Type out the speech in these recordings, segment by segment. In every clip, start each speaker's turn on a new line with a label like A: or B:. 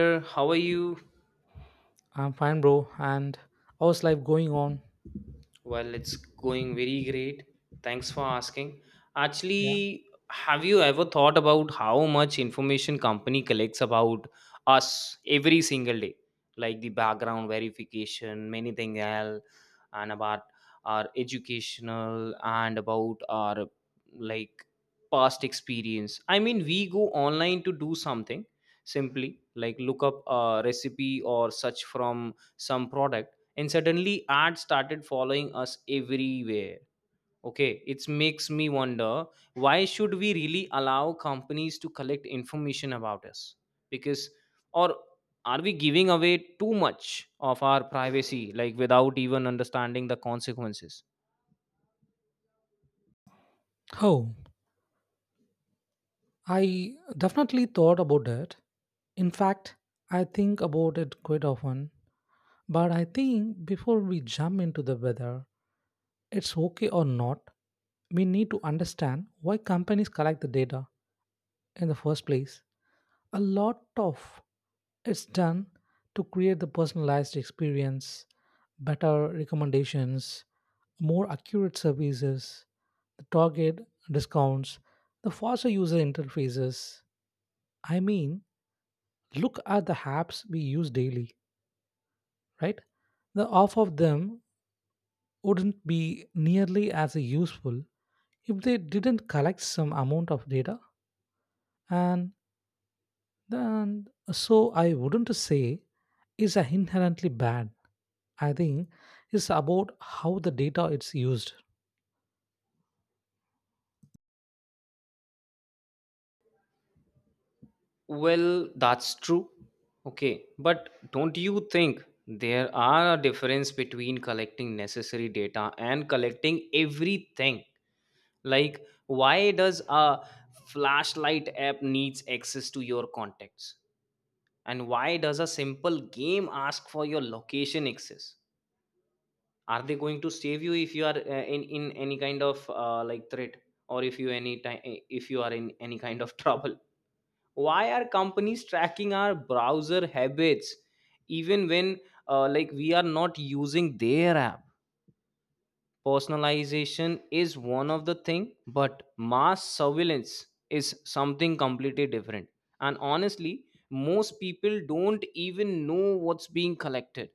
A: Sir, how are you?
B: I'm fine, bro. And how's life going on?
A: Well, it's going very great. Thanks for asking.
B: Yeah.
A: Actually, have you ever thought about how much information company collects about us every single day? Like the background verification, many things else, and about our educational and about our like past experience. I mean, we go online to do something simply like look up a recipe or search from some product, and suddenly ads started following us everywhere. Okay, it makes me wonder, why should we really allow companies to collect information about us? Because, or, are we giving away too much of our privacy like without even understanding the consequences?
B: Oh, I definitely thought about it. In fact, I think about it quite often. But I think before we jump into the whether it's okay or not, we need to understand why companies collect the data in the first place. A lot of it's done to create the personalized experience, better recommendations, more accurate services, the target discounts, the faster user interfaces. I mean, look at the apps we use daily, right? The half of them wouldn't be nearly as useful if they didn't collect some amount of data. And then, so I wouldn't say is inherently bad. I think it's about how the data it's used.
A: Well, that's true. Okay, but don't you think there are a difference between collecting necessary data and collecting everything? Like, why does a flashlight app needs access to your contacts? And why does a simple game ask for your location access? Are they going to save you if you are in any kind of threat, or if you any time, if you are in any kind of trouble? Why are companies tracking our browser habits even when we are not using their app? Personalization is one of the thing, but mass surveillance is something completely different. And honestly, most people don't even know what's being collected.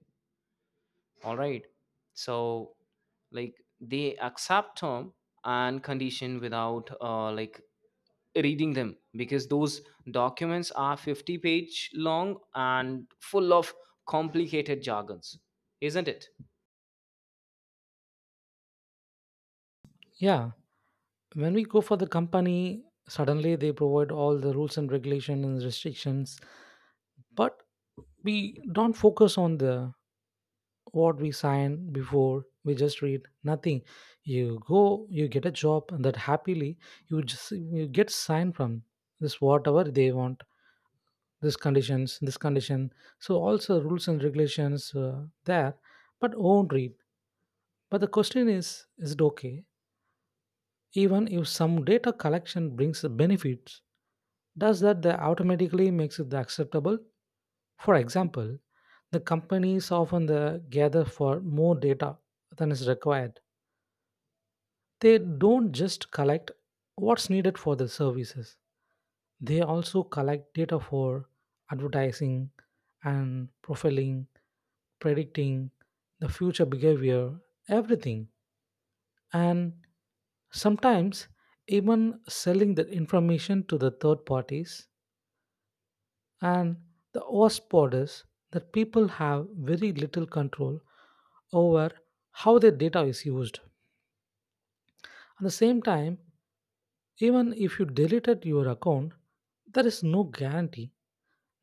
A: All right, so like they accept term and condition without reading them, because those documents are 50-page long and full of complicated jargons, isn't it?
B: Yeah, when we go for the company, suddenly they provide all the rules and regulation and restrictions, but we don't focus on the what we sign before. We just read nothing. You go, you get a job, and that happily you just you get signed from this whatever they want, this conditions, this condition. So also rules and regulations there, but won't read. But the question is it okay? Even if some data collection brings benefits, does that automatically makes it acceptable? For example, the companies often the gather for more data than is required. They don't just collect what's needed for the services. They also collect data for advertising and profiling, predicting the future behavior, everything and sometimes even selling that information to the third parties and the OSP borders that people have very little control over how their data is used. At the same time, even if you deleted your account, there is no guarantee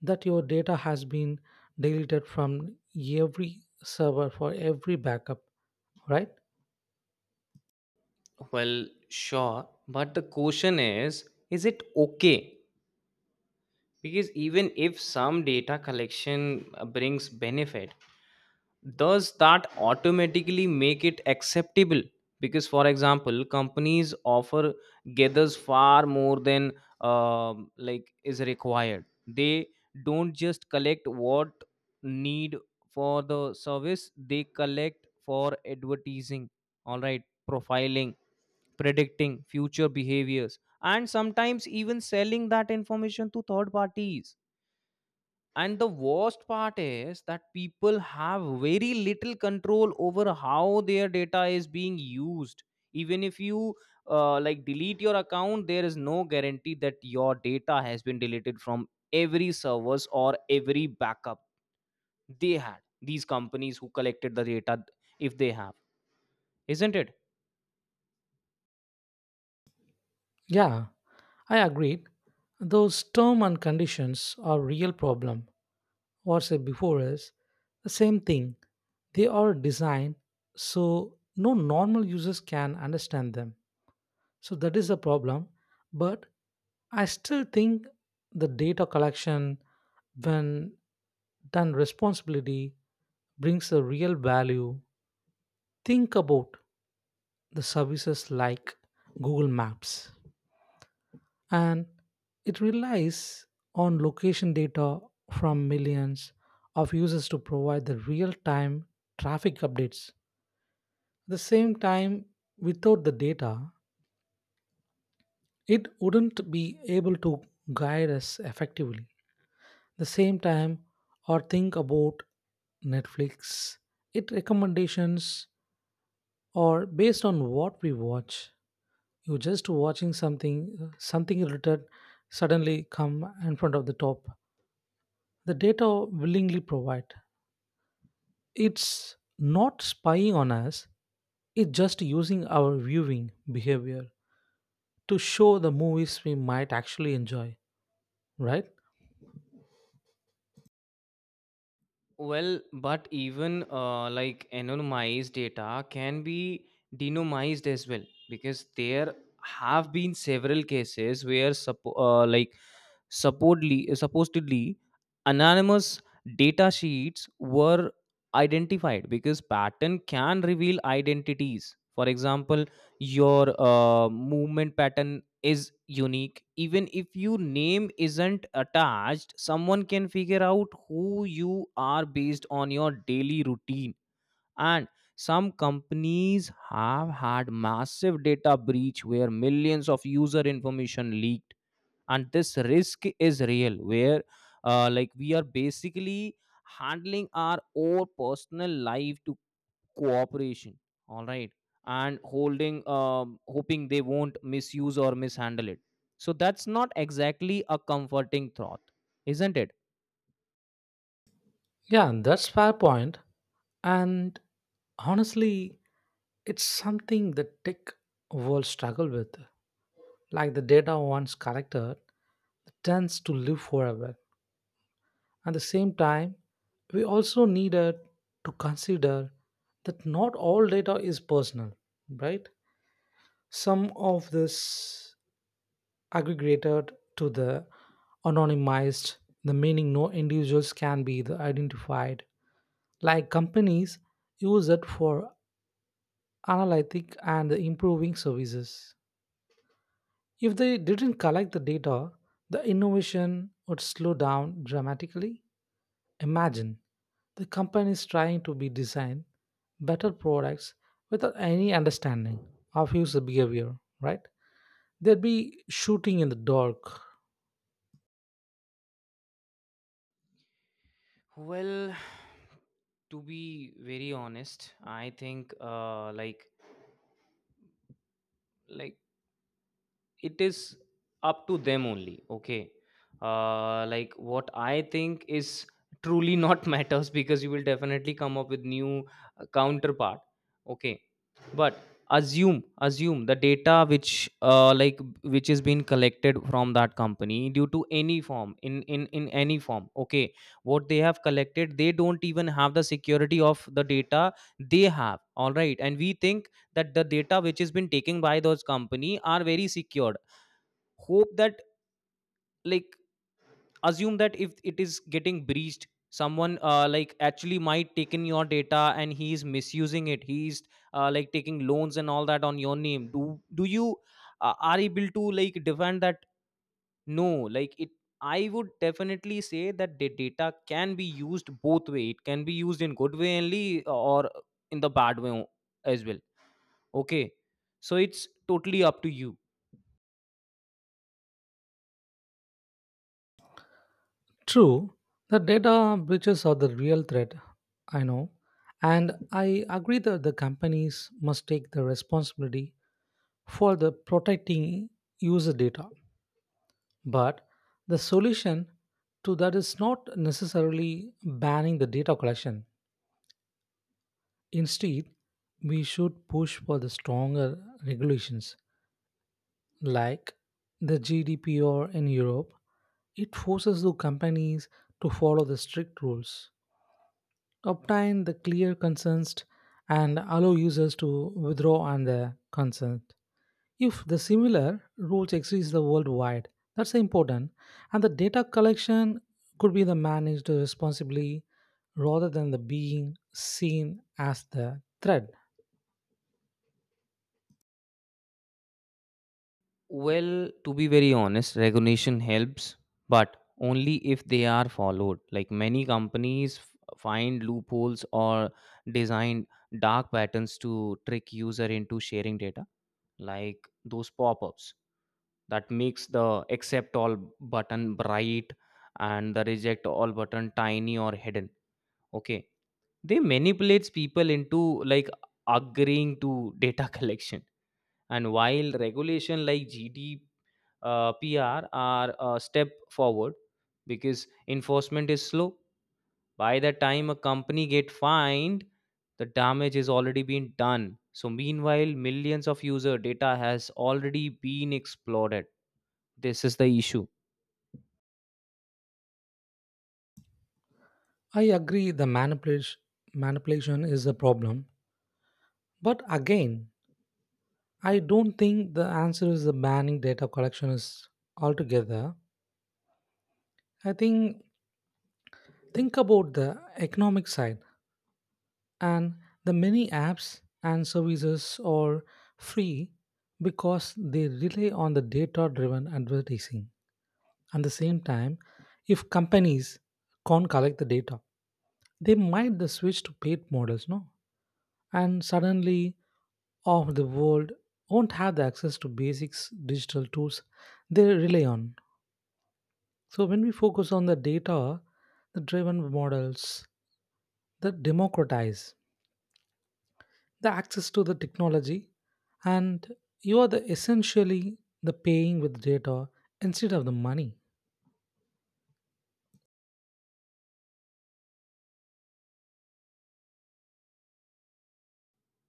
B: that your data has been deleted from every server for every backup, right?
A: Well, sure, but the question is it okay? Because even if some data collection brings benefit, does that automatically make it acceptable? Because, for example, companies offer gathers far more than is required. They don't just collect what need for the service; they collect for advertising, all right, profiling, predicting future behaviors, and sometimes even selling that information to third parties. And the worst part is that people have very little control over how their data is being used. Even if you delete your account, there is no guarantee that your data has been deleted from every service or every backup they had. These companies who collected the data, if they have, isn't it?
B: Yeah, I agreed. Those term and conditions are real problem. What said before is the same thing. They are designed so no normal users can understand them. So that is a problem. But I still think the data collection, when done responsibility, brings a real value. Think about the services like Google Maps, and it relies on location data from millions of users to provide the real time traffic updates. At the same time, without the data, it wouldn't be able to guide us effectively. At the same time, or think about Netflix, it recommendations or based on what we watch. You just watching something, something related suddenly come in front of the top the data willingly provide. It's not spying on us, it's just using our viewing behavior to show the movies we might actually enjoy, right?
A: Well, but even anonymized data can be denomized as well, because there have been several cases where supposedly anonymous data sheets were identified, because pattern can reveal identities. For example, your movement pattern is unique. Even if your name isn't attached, someone can figure out who you are based on your daily routine. And some companies have had massive data breach where millions of user information leaked, and this risk is real, where we are basically handling our own personal life to cooperation. All right, and holding hoping they won't misuse or mishandle it. So that's not exactly a comforting thought, isn't it?
B: Yeah, and that's fair point. And honestly, it's something the tech world struggle with. Like the data once collected tends to live forever. At the same time, we also needed to consider that not all data is personal, right? Some of this aggregated to the anonymized, the meaning no individuals can be the identified. Like companies use it for analytic and improving services. If they didn't collect the data, the innovation would slow down dramatically. Imagine the companies trying to be design better products without any understanding of user behavior, right? They'd be shooting in the dark.
A: Well, to be very honest, I think like it is up to them only. Okay, what I think is truly not matters, because you will definitely come up with new counterpart. Okay, but assume the data which which is being collected from that company due to any form in any form. Okay, what they have collected, they don't even have the security of the data they have. All right, and we think that the data which has been taken by those company are very secure. Hope that, like assume that if it is getting breached, someone actually might take in your data and he is misusing it. He's taking loans and all that on your name. Do you are able to like defend that? No, like it, I would definitely say that the data can be used both way. It can be used in good way only, or in the bad way as well. Okay, so it's totally up to you.
B: True, the data breaches are the real threat, I know, and I agree that the companies must take the responsibility for the protecting user data. But the solution to that is not necessarily banning the data collection. Instead, we should push for the stronger regulations like the GDPR in Europe. It forces the companies to follow the strict rules, obtain the clear consent and allow users to withdraw on the consent. If the similar rules exist the worldwide, that's important. And the data collection could be the managed responsibly rather than the being seen as the threat.
A: Well, to be very honest, recognition helps, but only if they are followed. Like many companies find loopholes or design dark patterns to trick user into sharing data, like those pop-ups that makes the accept all button bright and the reject all button tiny or hidden. Okay. They manipulates people into like agreeing to data collection. And while regulation like GD PR are a step forward, because enforcement is slow. By the time a company get fined, the damage is already been done. So meanwhile, millions of user data has already been exploited. This is the issue.
B: I agree the manipulation is a problem. But again, I don't think the answer is the banning data collection is altogether. I think about the economic side, and the many apps and services are free because they rely on the data driven advertising. At the same time, if companies can't collect the data, they might the switch to paid models, no? And suddenly of the world won't have the access to basics digital tools they rely on. So when we focus on the data the driven models that democratize the access to the technology, and you are the essentially the paying with data instead of the money.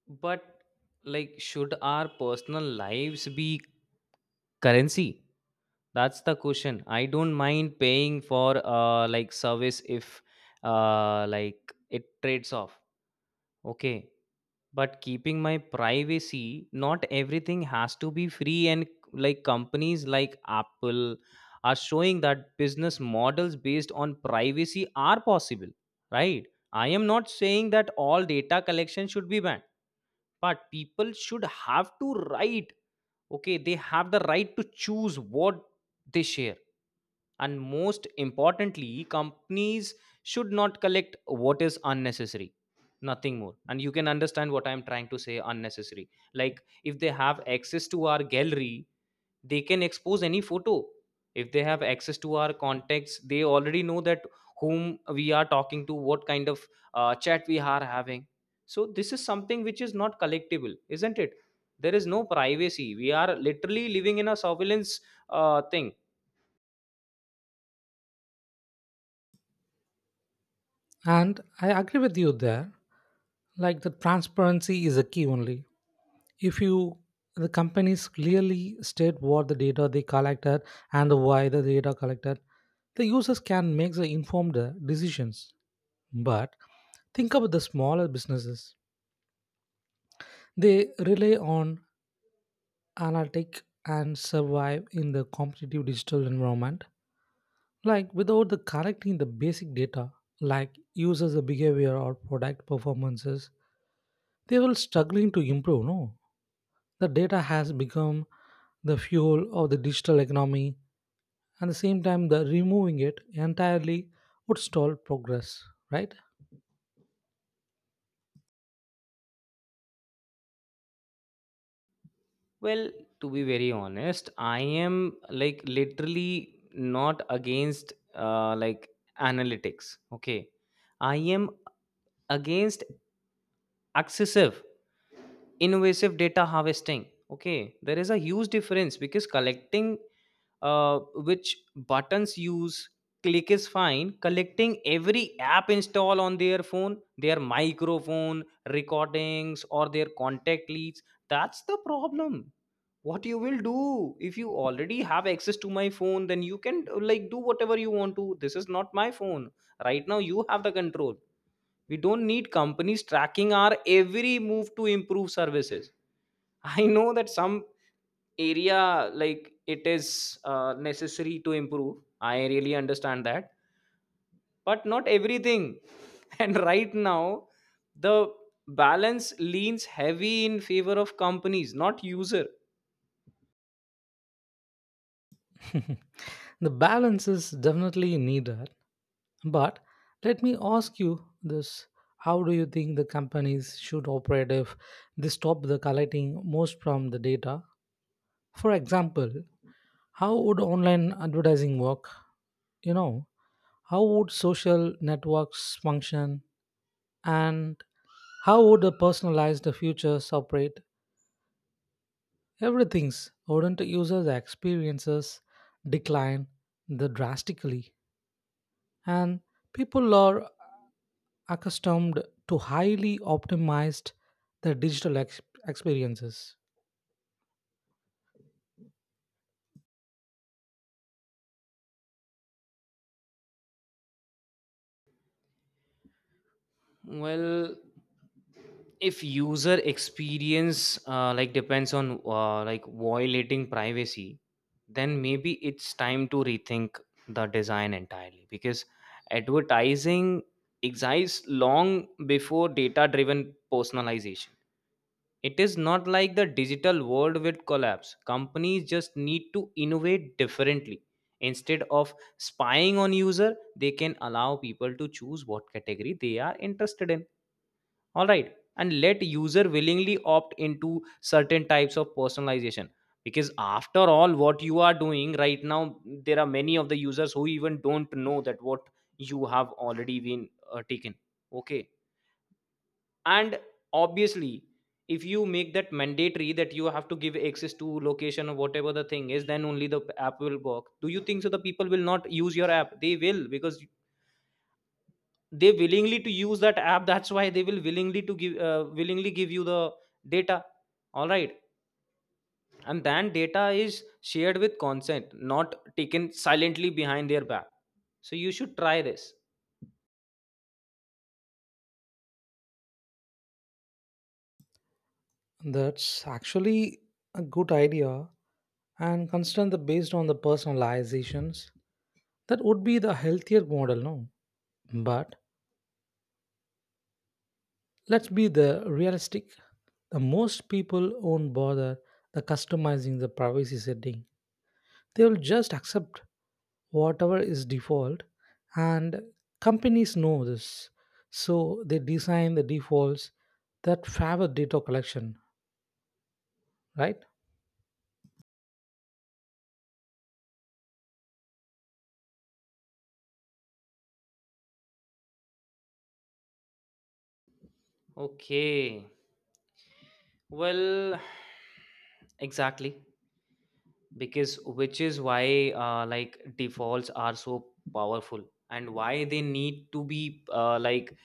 A: But like, should our personal lives be currency? That's the question. I don't mind paying for service if it trades off. Okay, but keeping my privacy, not everything has to be free. And like companies like Apple are showing that business models based on privacy are possible, right? I am not saying that all data collection should be banned, but people should have to right, okay, they have the right to choose what they share. And most importantly, companies should not collect what is unnecessary, nothing more. And you can understand what I am trying to say, unnecessary. Like, if they have access to our gallery, they can expose any photo. If they have access to our contacts, they already know that whom we are talking to, what kind of chat we are having. So this is something which is not collectible, isn't it? There is no privacy. We are literally living in a surveillance thing.
B: And I agree with you there. Like the transparency is a key only if you the companies clearly state what the data they collected and the why the data collected, the users can make the informed decisions. But think about the smaller businesses, they rely on analytic and survive in the competitive digital environment. Like without the collecting the basic data, like users' behavior or product performances, they will struggling to improve. No, the data has become the fuel of the digital economy, and the same time, the removing it entirely would stall progress. Right?
A: Well, to be very honest, I am like literally not against analytics. Okay. I am against excessive, invasive data harvesting. Okay. There is a huge difference, because collecting uh, which buttons use, click is fine. Collecting every app install on their phone, their microphone, recordings, or their contact leads, that's the problem. What you will do if you already have access to my phone? Then you can do whatever you want to. This is not my phone right now, you have the control. We don't need companies tracking our every move to improve services. I know that some area, like it is necessary to improve, I really understand that, but not everything. And right now, the balance leans heavy in favor of companies, not user.
B: The balance is definitely needed. But let me ask you this, how do you think the companies should operate if they stop the collecting most from the data? For example, how would online advertising work? You know, how would social networks function and how would the personalized futures operate? Everything's wouldn't users' experiences decline the drastically and people are accustomed to highly optimized the digital experiences.
A: Well, if user experience depends on violating privacy, then maybe it's time to rethink the design entirely, because advertising exists long before data driven personalization. It is not like the digital world will collapse. Companies just need to innovate differently. Instead of spying on user, they can allow people to choose what category they are interested in. All right, and let user willingly opt into certain types of personalization. Because after all, what you are doing right now, there are many of the users who even don't know that what you have already been taken. Okay, and obviously, if you make that mandatory that you have to give access to location or whatever the thing is, then only the app will work. Do you think so the people will not use your app? They will, because they willingly to use that app, that's why they will willingly to give willingly give you the data. All right, and then data is shared with consent, not taken silently behind their back. So you should try this.
B: That's actually a good idea and considering the based on the personalizations. That would be the healthier model, no? But let's be the realistic. The most people won't bother the customizing the privacy setting. They will just accept whatever is default, and companies know this. So they design the defaults that favor data collection, right?
A: Okay, well, exactly, because which is why like defaults are so powerful, and why they need to be uh, like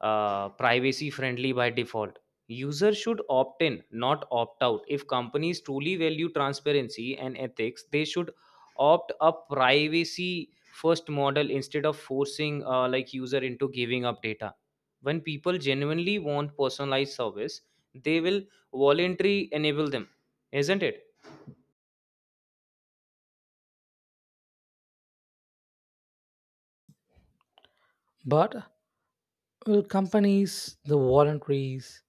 A: uh, privacy friendly by default. Users should opt in, not opt out. If companies truly value transparency and ethics, they should opt a privacy first model, instead of forcing user into giving up data. When people genuinely want personalized service, they will voluntarily enable them, isn't it?
B: But will companies, the voluntaries,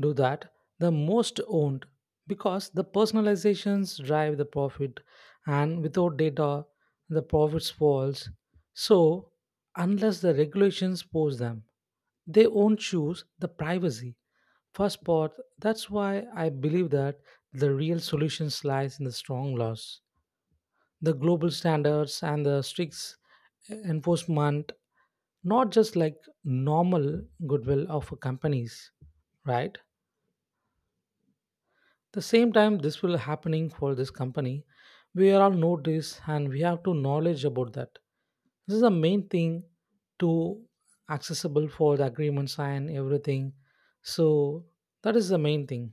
B: do that the most owned because the personalizations drive the profit and without data the profits falls. So unless the regulations pose them, they won't choose the privacy first part. That's why I believe that the real solution lies in the strong laws, the global standards and the strict enforcement, not just like normal goodwill of companies, right? The same time this will happening for this company, we are all notice and we have to knowledge about that. This is the main thing to accessible for the agreement sign everything. So that is the main thing.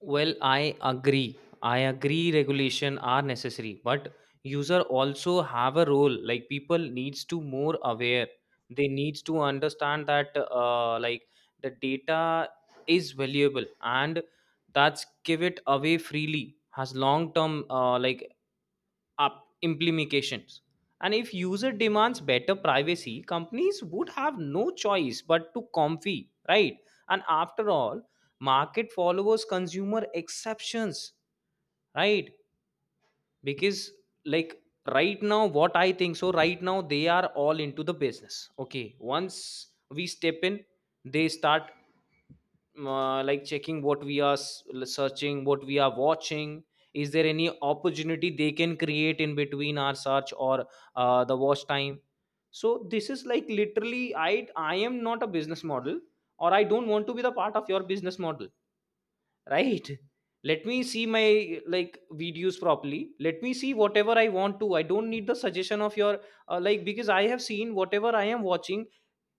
A: Well, I agree. I agree regulation are necessary, but user also have a role. Like people needs to more aware. They needs to understand that the data is valuable and that's give it away freely has long term up implications. And if user demands better privacy, companies would have no choice but to comply, right? And after all, market follows consumer exceptions, right? Because, like right now, what I think so, right now they are all into the business. Okay, once we step in, they start checking what we are searching, what we are watching. Is there any opportunity they can create in between our search or the watch time? So this is like, literally, I am not a business model, or I don't want to be the part of your business model, right? Let me see my videos properly, let me see whatever I want to. I don't need the suggestion of your because I have seen whatever I am watching.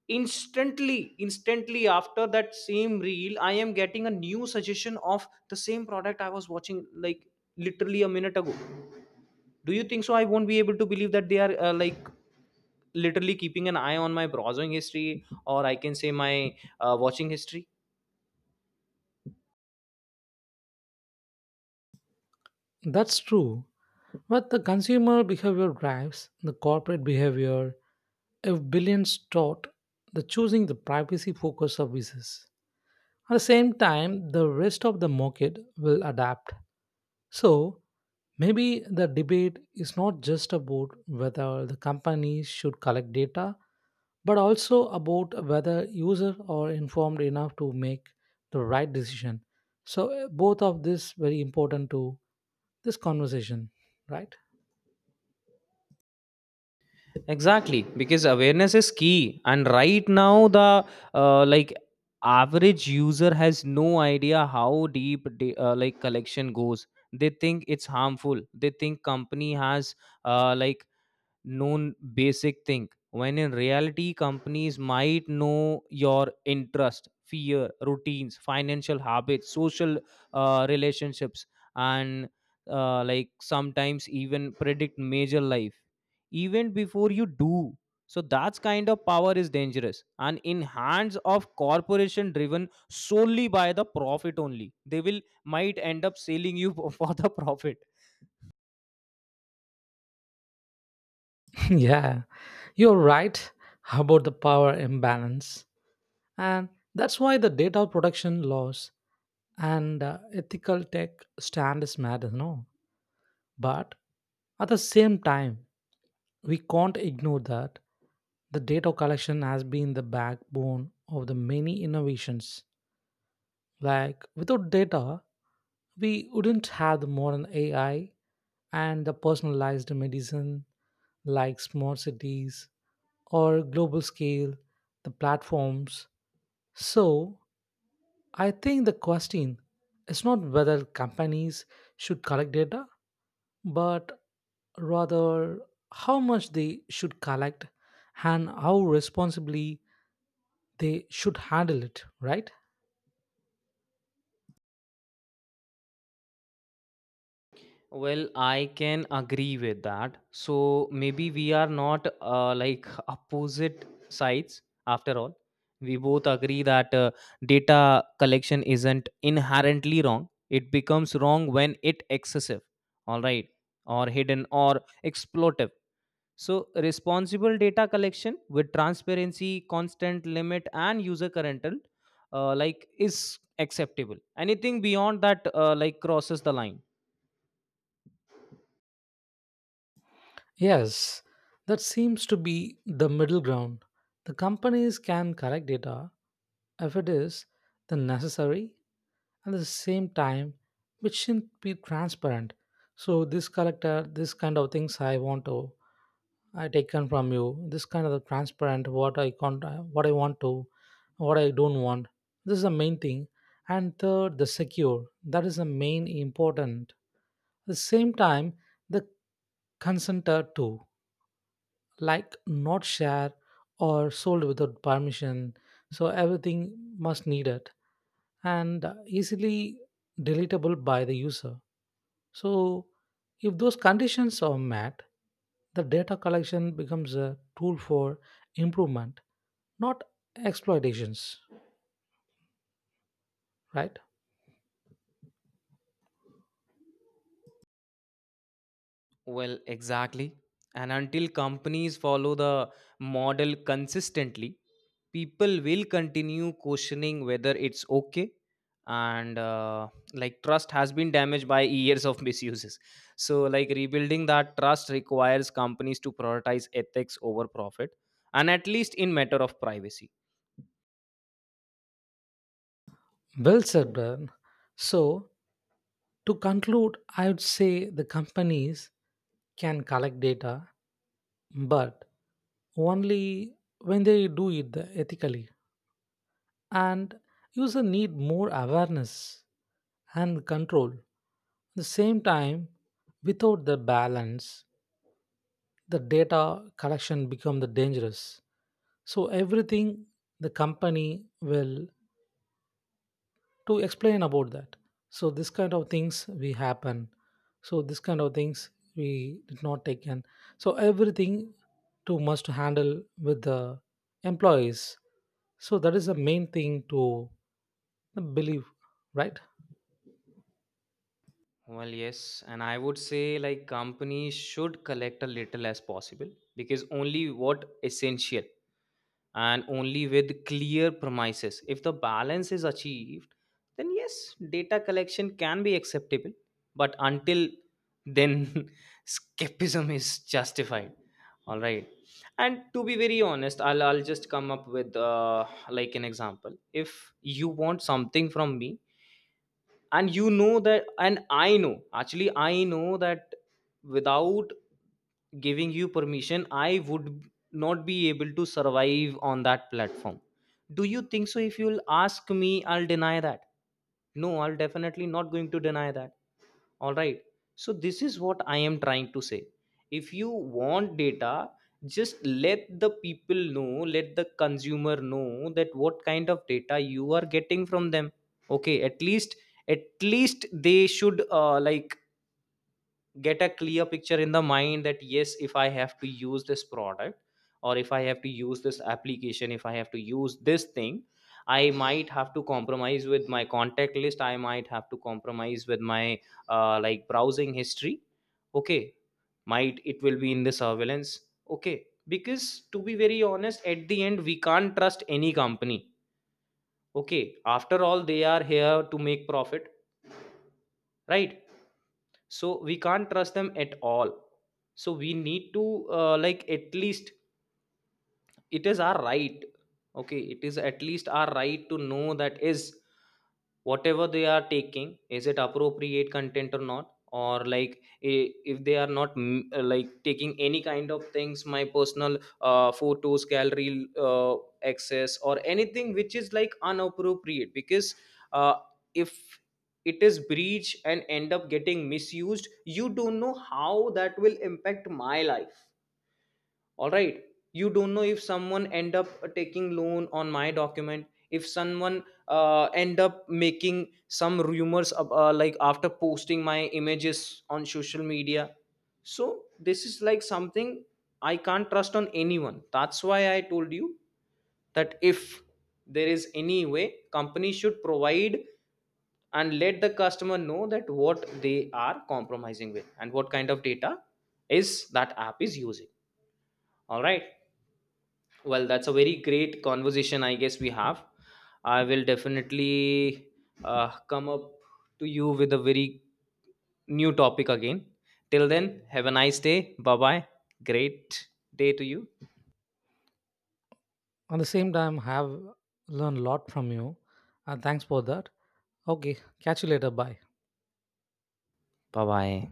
A: Instantly, instantly after that same reel, I am getting a new suggestion of the same product I was watching, like literally a minute ago. Do you think so I won't be able to believe that they are literally keeping an eye on my browsing history, or I can say my watching history?
B: That's true, but the consumer behavior drives the corporate behavior. If billions taught the choosing the privacy focused services, at the same time the rest of the market will adapt. So maybe the debate is not just about whether the companies should collect data, but also about whether users are informed enough to make the right decision. So both of this very important to this conversation, right?
A: Exactly, because awareness is key. And right now, the uh, like average user has no idea how deep collection goes. They think it's harmful, they think company has uh, like known basic thing, when in reality companies might know your interest, fear, routines, financial habits, social relationships, and sometimes even predict major life even before you do. So that's kind of power is dangerous, and in hands of corporation driven solely by the profit, only they will might end up selling you for the profit.
B: Yeah, you're right about the power imbalance, and that's why the data protection laws and ethical tech standards matter, no? But at the same time, we can't ignore that. The data collection has been the backbone of the many innovations. Like, without data, we wouldn't have the modern AI and the personalized medicine, like smart cities or global scale, the platforms. So, I think the question is not whether companies should collect data but rather how much they should collect and how responsibly they should handle it, right?
A: Well, I can agree with that. So maybe we are not opposite sides after all. We both agree that data collection isn't inherently wrong. It becomes wrong when it excessive, all right, or hidden or exploitive. So responsible data collection with transparency, constant limit, and user control, is acceptable. Anything beyond that, crosses the line.
B: Yes, that seems to be the middle ground. The companies can collect data if it is the necessary at the same time which shouldn't be transparent. So this collector, this kind of things I want to, I taken from you, this kind of transparent what I can't, what I want to, what I don't want, this is the main thing. And third the secure, that is the main important. At the same time, the consenter too, like not share or sold without permission, so everything must need it, and easily deletable by the user. So if those conditions are met, the data collection becomes a tool for improvement, not exploitations, right?
A: Well, exactly. And until companies follow the model consistently, people will continue questioning whether it's okay. And trust has been damaged by years of misuses. So, like rebuilding that trust requires companies to prioritize ethics over profit, and at least in matter of privacy.
B: Well said, Brian. So to conclude I would say the companies can collect data but only when they do it ethically. And users need more awareness and control. At the same time, without the balance, the data collection become the dangerous. So everything the company will to explain about that, so this kind of things we happen, so this kind of things we did not take in, so everything to must handle with the employees, so that is the main thing to believe, right?
A: Well, yes, and I would say like companies should collect a little as possible, because only what essential and only with clear premises. If the balance is achieved, then yes, data collection can be acceptable. But until then, skepticism is justified. All right. And to be very honest, I'll just come up with an example. If you want something from me, and you know that, and I know, actually I know that without giving you permission I would not be able to survive on that platform. Do you think so if you'll ask me I'll deny that? No, I'll definitely not going to deny that. All right. So this is what I am trying to say. If you want data, just let the people know, let the consumer know that what kind of data you are getting from them. Okay, at least, at least they should get a clear picture in the mind that yes, if I have to use this product, or if I have to use this application, if I have to use this thing, I might have to compromise with my contact list, I might have to compromise with my browsing history. Okay, might it will be in the surveillance. Okay, because to be very honest, at the end we can't trust any company. Okay, after all they are here to make profit, right? So we can't trust them at all. So we need to at least, it is our right. Okay, it is at least our right to know that is whatever they are taking is it appropriate content or not, or like, if they are not taking any kind of things, my personal photos gallery access, or anything which is like unappropriate. Because uh, if it is breached and end up getting misused, you don't know how that will impact my life. All right. You don't know if someone end up taking loan on my document, if someone end up making some rumors after posting my images on social media. So this is like something I can't trust on anyone. That's why I told you that if there is any way, company should provide and let the customer know that what they are compromising with and what kind of data is that app is using. All right. Well, that's a very great conversation, I guess we have. I will definitely come up to you with a very new topic again. Till then, have a nice day. Bye bye. Great day to you.
B: On the same time have learned a lot from you, and thanks for that. Okay, catch you later, bye.
A: Bye bye.